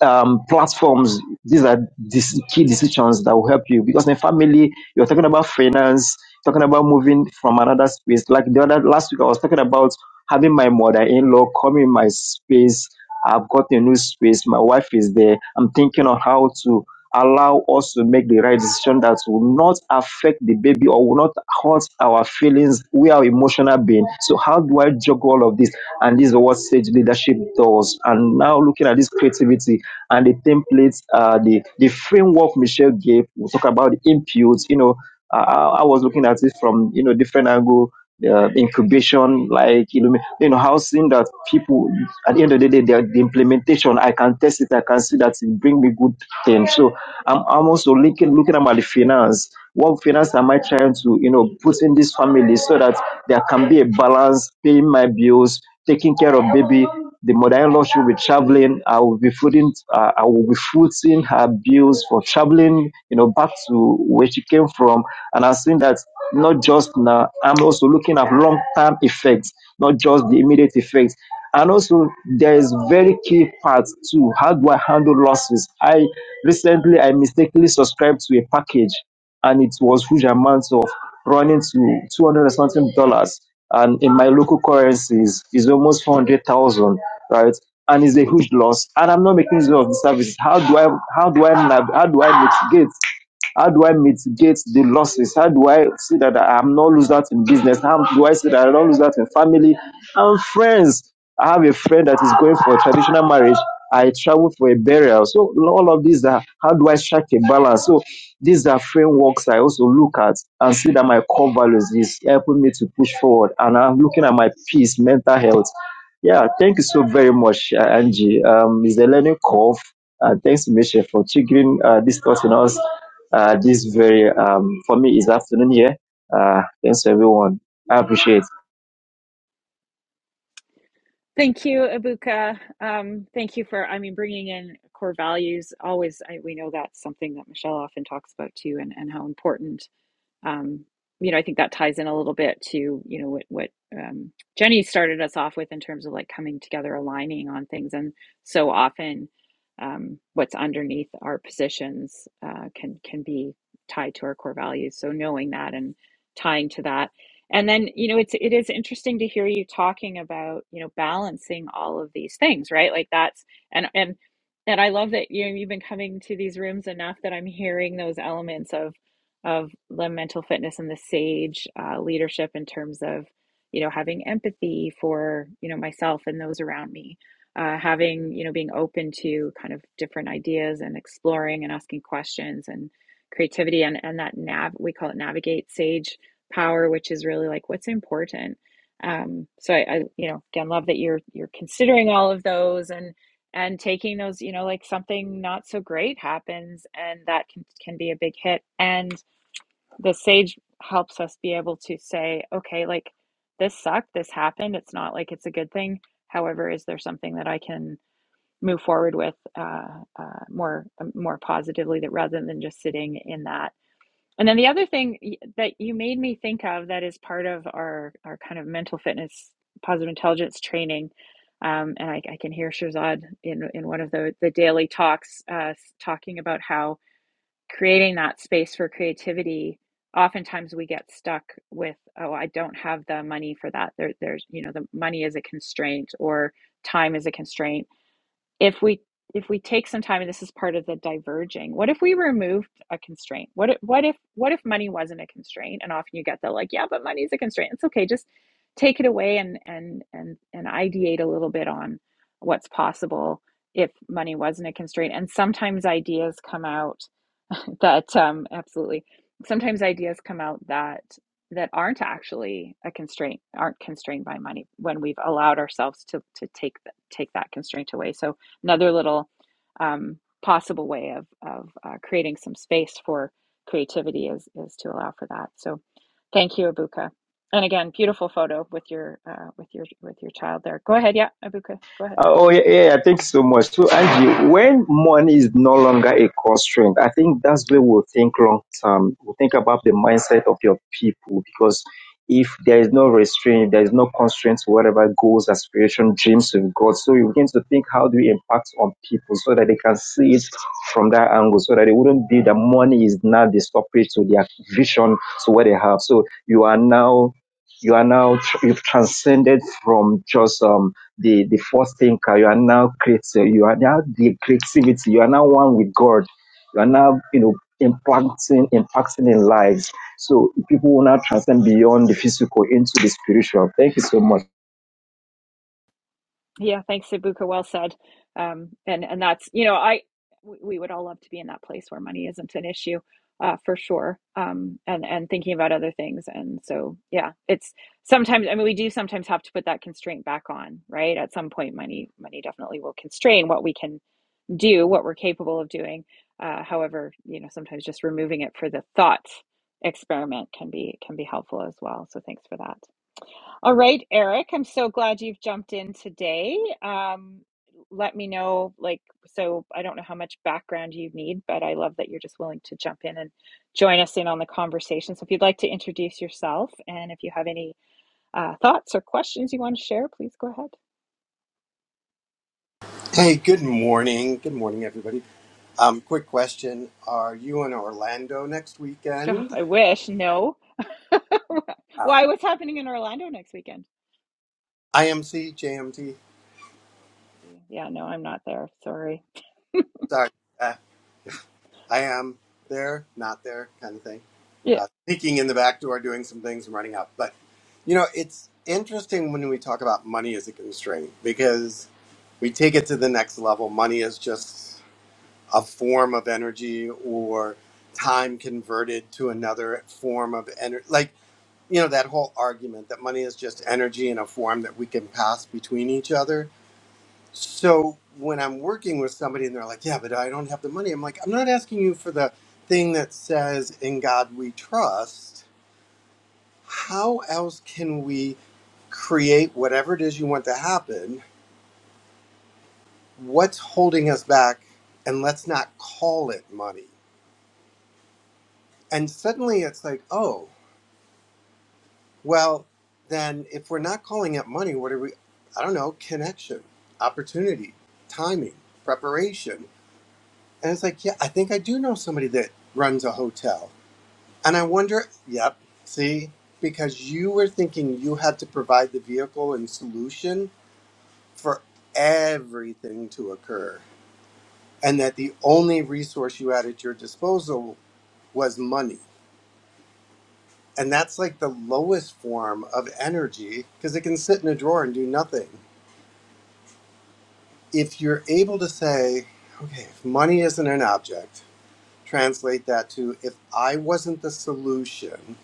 Speaker 4: um, platforms. These are these key decisions that will help you because in family, you're talking about finance, talking about moving from another space. Like the other last week, I was talking about having my mother-in-law come in my space. I've got a new space. My wife is there. I'm thinking on how to allow us to make the right decision that will not affect the baby or will not hurt our feelings. We are emotional being. So how do I juggle all of this? And this is what Sage Leadership does. And now looking at this creativity, and the templates, uh, the the framework Michelle gave. We talk about the inputs. You know, uh, I I was looking at it from you know different angle. Uh, incubation, like you know, you know, housing that people at the end of the day, the, the implementation, I can test it, I can see that it bring me good things. So I'm, I'm also looking looking about the finance. What finance am I trying to you know put in this family so that there can be a balance, paying my bills, taking care of baby. The more I love will be traveling. I will be footing, uh, I will be footing her bills for traveling, you know, back to where she came from. And I've seen that not just now, I'm also looking at long term effects, not just the immediate effects. And also, there is very key part too. How do I handle losses? I recently I mistakenly subscribed to a package and it was huge amounts of running to 200 and something dollars and in my local currencies is almost 400,000 right and it's a huge loss and i'm not making use of the services how do i how do i nav- how do i mitigate how do I mitigate the losses? How do I see that I'm not lose that in business? How do I see that I don't lose that in family and friends? I have a friend that is going for a traditional marriage. I travel for a burial. So all of these are how do I strike a balance? So these are frameworks I also look at and see that my core values is helping me to push forward. And I'm looking at my peace, mental health. Yeah, thank you so very much, uh, Angie. Um, it's a learning curve. And thanks, Michelle, for triggering uh, this thought in us. Uh, this very, um, for me, is afternoon here. Uh, thanks, everyone. I appreciate it.
Speaker 1: Thank you, Abuka. Um, thank you for, I mean, bringing in core values. Always, I, we know that's something that Michelle often talks about too, and, and how important um, you know, I think that ties in a little bit to, you know, what, what um, Jenny started us off with in terms of like coming together, aligning on things. And so often um, what's underneath our positions uh, can, can be tied to our core values. So knowing that and tying to that. And then, you know, it's, it is interesting to hear you talking about, you know, balancing all of these things, right? Like that's, and, and, and I love that you know, you've been coming to these rooms enough that I'm hearing those elements of of the mental fitness and the sage uh, leadership in terms of you know having empathy for you know myself and those around me uh, having you know being open to kind of different ideas and exploring and asking questions and creativity and and that nav we call it navigate sage power which is really like what's important um, so I, I you know again love that you're you're considering all of those and and taking those you know like something not so great happens and that can can be a big hit and the sage helps us be able to say, okay, like this sucked, this happened. It's not like it's a good thing. However, is there something that I can move forward with uh, uh, more um, more positively that rather than just sitting in that? And then the other thing that you made me think of that is part of our our kind of mental fitness, positive intelligence training. Um, and I, I can hear Shazad in in one of the the daily talks uh, talking about how creating that space for creativity oftentimes we get stuck with oh i don't have the money for that there, there's you know the money is a constraint or time is a constraint if we if we take some time and this is part of the diverging what if we removed a constraint what if what if what if money wasn't a constraint and often you get the like yeah but money is a constraint it's okay just take it away and and and and ideate a little bit on what's possible if money wasn't a constraint and sometimes ideas come out that um, absolutely sometimes ideas come out that that aren't actually a constraint aren't constrained by money when we've allowed ourselves to to take th- take that constraint away so another little um, possible way of of uh, creating some space for creativity is is to allow for that so thank you abuka and again beautiful photo with your uh, with your with your child there go ahead yeah abuka go ahead
Speaker 4: Uh, Oh yeah, yeah, yeah, Thank you so much. So Angie, when money is no longer a constraint, I think that's where we'll think long term. We'll think about the mindset of your people because if there is no restraint, there is no constraint to whatever goals, aspiration, dreams you've got. So you begin to think how do we impact on people so that they can see it from that angle, so that it wouldn't be that money is now the stoppage to their vision to what they have. So you are now you are now tr- you've transcended from just um the the first thinker. You are now creative. You are now the creativity. You are now one with God. You are now you know impacting impacting in lives. So people will now transcend beyond the physical into the spiritual. Thank you so much.
Speaker 1: Yeah, thanks, Ibuka. Well said. Um, and and that's you know I we we would all love to be in that place where money isn't an issue, uh, for sure. Um, and and thinking about other things. And so yeah, it's sometimes I mean we do sometimes have to put that constraint back on, right? At some point, money money definitely will constrain what we can do, what we're capable of doing. Uh, however, you know sometimes just removing it for the thought experiment can be can be helpful as well. So thanks for that. All right, Eric, I'm so glad you've jumped in today. Um, let me know, like, so I don't know how much background you need, but I love that you're just willing to jump in and join us in on the conversation. So if you'd like to introduce yourself and if you have any uh, thoughts or questions you want to share, please go ahead.
Speaker 5: Hey, good morning. Good morning, everybody. Um, quick question. Are you in Orlando next
Speaker 1: Ugh,
Speaker 5: weekend?
Speaker 1: I wish, no.
Speaker 5: Oh.
Speaker 1: Why, what's happening in Orlando next weekend?
Speaker 5: IMC, JMT.
Speaker 1: Yeah, no, I'm not there. Sorry.
Speaker 5: Sorry. Uh, I am there, not there, kind of thing. Uh, peeking in the back door, doing some things and running out. But, you know, it's interesting when we talk about money as a constraint because we take it to the next level. Money is just a form of energy or time converted to another form of energy. Like, you know that whole argument that money is just energy in a form that we can pass between each other so when i'm working with somebody and they're like yeah but i don't have the money i'm like i'm not asking you for the thing that says in god we trust how else can we create whatever it is you want to happen what's holding us back and let's not call it money and suddenly it's like oh Well, then if we're not calling it money, what are we? I don't know, connection, opportunity, timing, preparation. And it's like, yeah, I think I do know somebody that runs a hotel. And I wonder, yep, see, because you were thinking you had to provide the vehicle and solution for everything to occur, and that the only resource you had at your disposal was money. And that's like the lowest form of energy because it can sit in a drawer and do nothing if you're able to say, okay, if money isn't an object, translate that to if I wasn't the solution,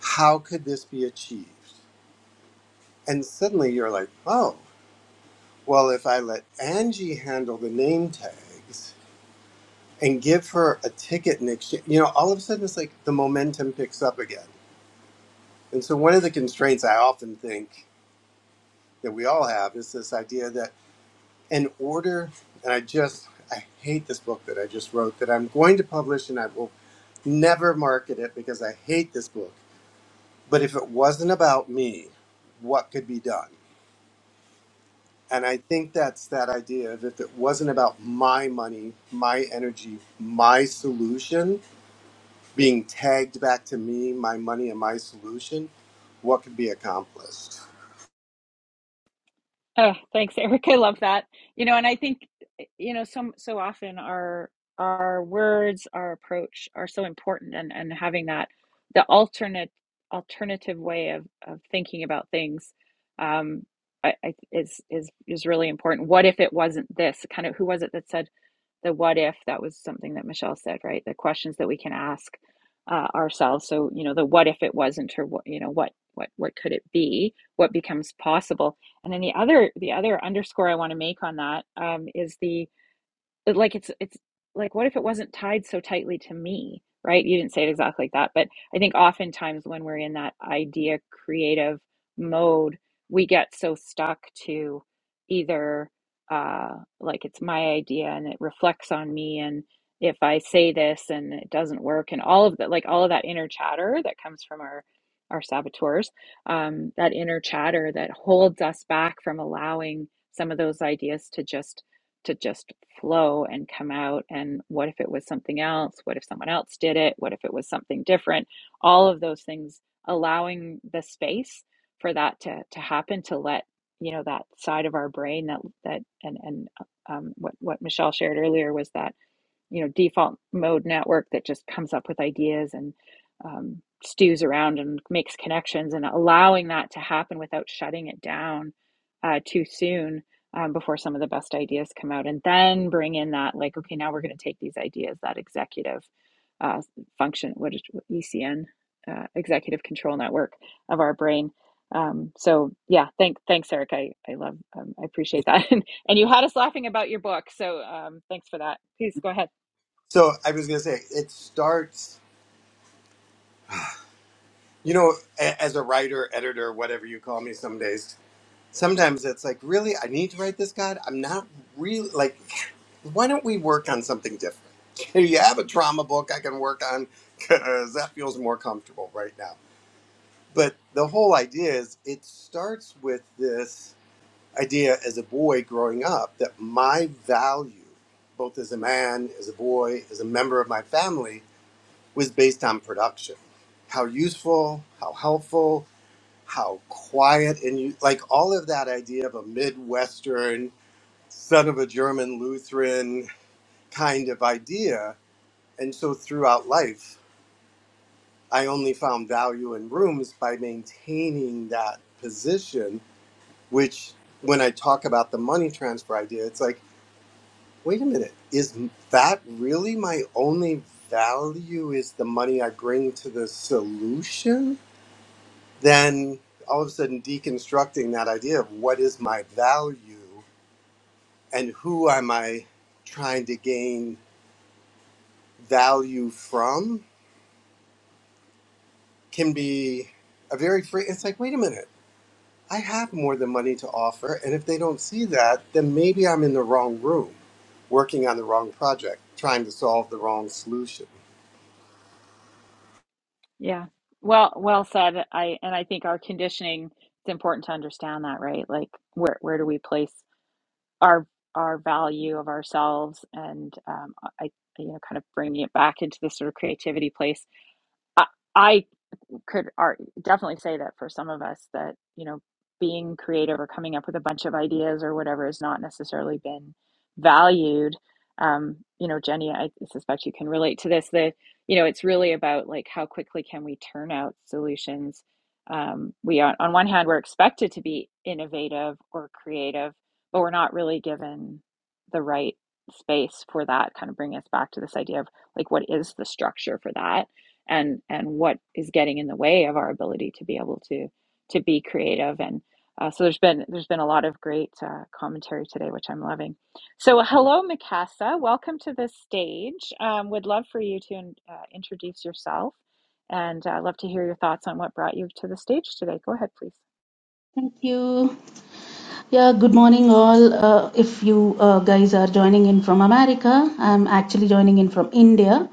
Speaker 5: how could this be achieved? And suddenly you're like, oh, well, if I let Angie handle the name tags and give her a ticket in exchange, you know, all of a sudden it's like the momentum picks up again. And so one of the constraints I often think that we all have is this idea that in order, and I just, I hate this book that I just wrote that I'm going to publish and I will Never market it because I hate this book. But if it wasn't about me, what could be done? And I think that's that idea of if it wasn't about my money, my energy, my solution being tagged back to me, my money and my solution, what could be accomplished?
Speaker 1: Oh, thanks, Eric. I love that. You know, and I think, eh, you know, so so often our our words, our approach are so important and and having that the alternate alternative way of of thinking about things um I, I is is is really important. What if it wasn't this? Kind of who was it that said the what if? That was something that Michelle said, right? The questions that we can ask uh, ourselves. So, you know, the what if it wasn't or what, you know, what what what could it be? What becomes possible? And then the other the other underscore I want to make on that um, is the it- like it's it's like what if it wasn't tied so tightly to me right you didn't say it exactly like that but i think oftentimes when we're in that idea creative mode we get so stuck to either uh like it's my idea and it reflects on me and if i say this and it doesn't work and all of that like all of that inner chatter that comes from our our saboteurs um that inner chatter that holds us back from allowing some of those ideas to just to just flow and come out. And what if it was something else? What if someone else did it? What if it was something different? All of those things, allowing the space for that to, to happen, to let you know that side of our brain that that and and um, what what Michelle shared earlier was that you know default mode network that just comes up with ideas and um, stews around and makes connections and allowing that to happen without shutting it down uh, too soon um, before some of the best ideas come out and then bring in that like okay now we're going to take these ideas that executive uh, function what is ecn uh, executive control network of our brain um, so yeah thank, thanks eric i, I love um, i appreciate that and, and you had us laughing about your book so um, thanks for that please go ahead
Speaker 5: So I was going to say, it starts, you know, a- as a writer, editor, whatever you call me some days sometimes it's like, really, I need to write this, God. I'm not really like, why don't we work on something different? you have a trauma book I can work on? Because that feels more comfortable right now. But the whole idea is it starts with this idea as a boy growing up that my value, both as a man, as a boy, as a member of my family, was based on production. How useful, how helpful, how quiet and you like all of that idea of a midwestern son of a german lutheran kind of idea and so throughout life i only found value in rooms by maintaining that position which when i talk about the money transfer idea it's like wait a minute is that really my only value is the money i bring to the solution then all of a sudden deconstructing that idea of what is my value and who am I trying to gain value from can be a very free. It's like, wait a minute, I have more than money to offer. And if they don't see that, then maybe I'm in the wrong room, working on the wrong project, trying to solve the wrong solution.
Speaker 1: Yeah. Well, well said. I and I think our conditioning, it's important to understand that, right? Like where where do we place our our value of ourselves and um I you know kind of bringing it back into this sort of creativity place. I I could are definitely say that for some of us that you know being creative or coming up with a bunch of ideas or whatever has not necessarily been valued um, you know jenny i suspect you can relate to this that you know it's really about like how quickly can we turn out solutions um, we are, on one hand we're expected to be innovative or creative but we're not really given the right space for that kind of bring us back to this idea of like what is the structure for that and and what is getting in the way of our ability to be able to to be creative and uh, so there's been there's been a lot of great uh, commentary today which i'm loving so hello mikasa welcome to the stage um, would love for you to uh, introduce yourself and uh, love to hear your thoughts on what brought you to the stage today go ahead please
Speaker 6: Thank you. Yeah, good morning, all. Uh, if you uh, guys are joining in from America, I'm actually joining in from India,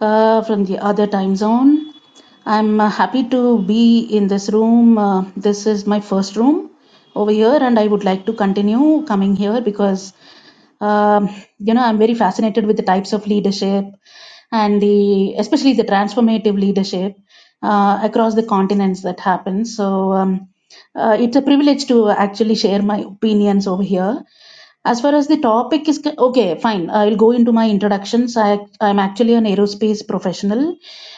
Speaker 6: uh, from the other time zone. I'm uh, happy to be in this room. Uh, this is my first room over here, and I would like to continue coming here because um, you know, I'm very fascinated with the types of leadership and the especially the transformative leadership uh, across the continents that happens. So um, uh, it's a privilege to actually share my opinions over here as far as the topic is, co- okay, fine. I'll go into my introductions. I, I'm actually an aerospace professional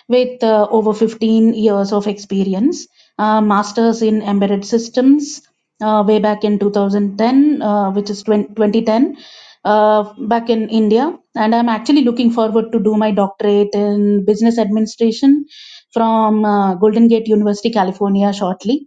Speaker 6: with uh, over 15 years of experience, uh, master's in embedded systems uh, way back in 2010, uh, which is 20, 2010, uh, back in India. And I'm actually looking forward to do my doctorate in business administration from uh, Golden Gate University, California, shortly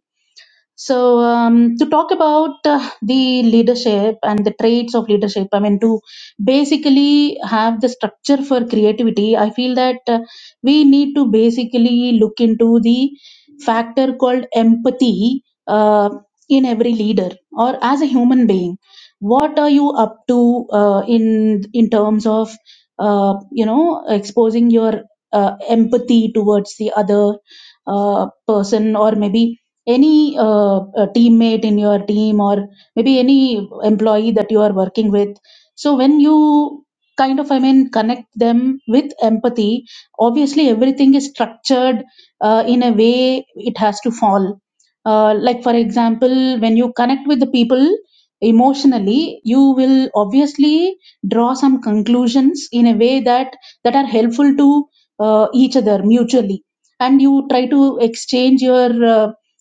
Speaker 6: so, um, to talk about uh, the leadership and the traits of leadership, I mean, to basically have the structure for creativity, I feel that uh, we need to basically look into the factor called empathy uh, in every leader or as a human being. What are you up to uh, in in terms of uh, you know exposing your uh, empathy towards the other uh, person or maybe any uh, uh, teammate in your team or maybe any employee that you are working with so when you kind of i mean connect them with empathy obviously everything is structured uh, in a way it has to fall uh, like for example when you connect with the people emotionally you will obviously draw some conclusions in a way that that are helpful to uh, each other mutually and you try to exchange your uh,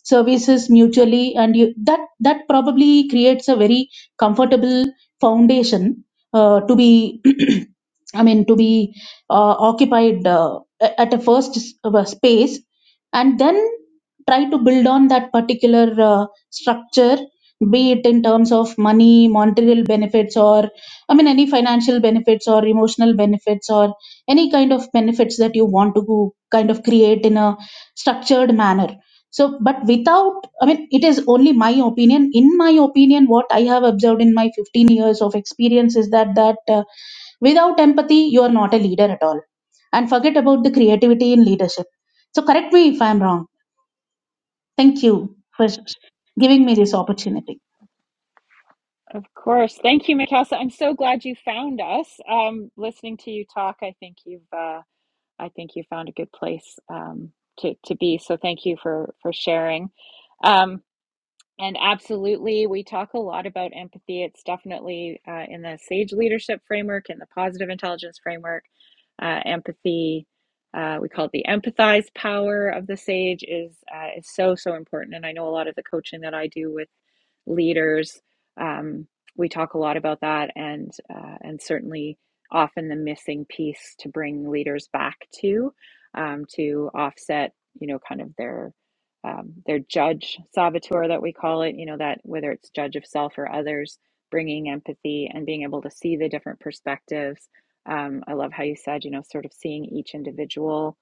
Speaker 6: services mutually and you, that that probably creates a very comfortable foundation uh, to be i mean to be uh, occupied uh, a- at a first s- of a space and then try to build on that particular uh, structure be it in terms of money monetary benefits or i mean any financial benefits or emotional benefits or any kind of benefits that you want to go kind of create in a structured manner so but without i mean it is only my opinion in my opinion what i have observed in my 15 years of experience is that that uh, without empathy you are not a leader at all and forget about the creativity in leadership so correct me if i'm wrong thank you for giving me this opportunity
Speaker 1: of course thank you mikasa i'm so glad you found us um, listening to you talk i think you've uh, I think you found a good place um, to to be. So thank you for for sharing. Um, and absolutely, we talk a lot about empathy. It's definitely uh, in the SAGE leadership framework and the positive intelligence framework. Uh, empathy, uh, we call it the empathize power of the SAGE, is uh, is so so important. And I know a lot of the coaching that I do with leaders, um, we talk a lot about that, and uh, and certainly often the missing piece to bring leaders back to um, to offset, you know, kind of their um, their judge saboteur that we call it you know that whether it's judge of self or others bringing empathy and being able to see the different perspectives um, i love how you said you know sort of seeing each individual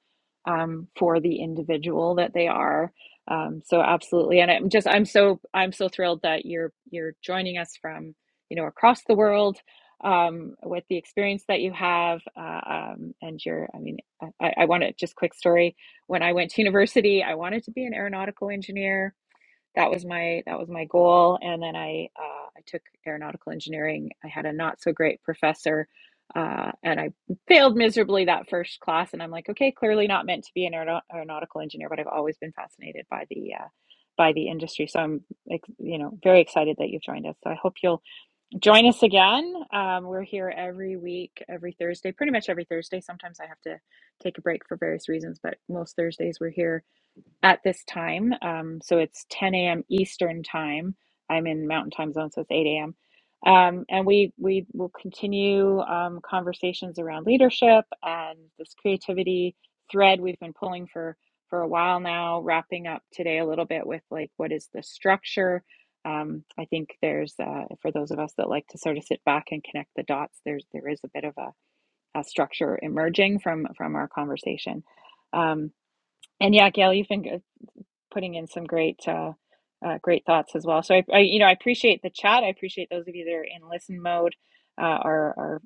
Speaker 1: um, for the individual that they are um, so absolutely and i'm just i'm so i'm so thrilled that you're you're joining us from you know across the world um, with the experience that you have uh, um, and your i mean i, I want to just quick story when I went to university, I wanted to be an aeronautical engineer. That was my that was my goal. And then I uh, I took aeronautical engineering. I had a not so great professor, uh, and I failed miserably that first class. And I'm like, okay, clearly not meant to be an aeronaut- aeronautical engineer. But I've always been fascinated by the uh, by the industry. So I'm ex- you know very excited that you've joined us. So I hope you'll Join us again. Um, we're here every week, every Thursday, pretty much every Thursday. Sometimes I have to take a break for various reasons, but most Thursdays we're here at this time. Um, so it's 10 a.m. Eastern time. I'm in Mountain Time Zone, so it's 8 a.m. Um, and we we will continue um, conversations around leadership and this creativity thread we've been pulling for for a while now. Wrapping up today a little bit with like what is the structure. Um, I think there's uh, for those of us that like to sort of sit back and connect the dots. There's there is a bit of a, a structure emerging from from our conversation. Um, and yeah, Gail, you've been putting in some great uh, uh, great thoughts as well. So I, I, you know, I appreciate the chat. I appreciate those of you that are in listen mode uh, are, are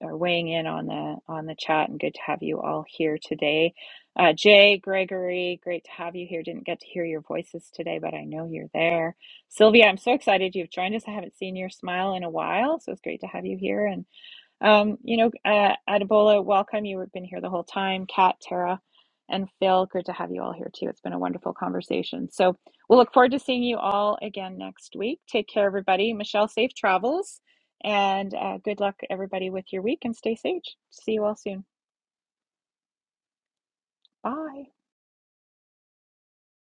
Speaker 1: are weighing in on the on the chat, and good to have you all here today. Uh, Jay Gregory, great to have you here. Didn't get to hear your voices today, but I know you're there. Sylvia, I'm so excited you've joined us. I haven't seen your smile in a while, so it's great to have you here. and. Um, you know, uh, Adebola, welcome. You've been here the whole time. Kat, Tara, and Phil, great to have you all here too. It's been a wonderful conversation. So we'll look forward to seeing you all again next week. Take care, everybody. Michelle, safe travels, and uh, good luck, everybody, with your week and stay safe. See you all soon. Bye.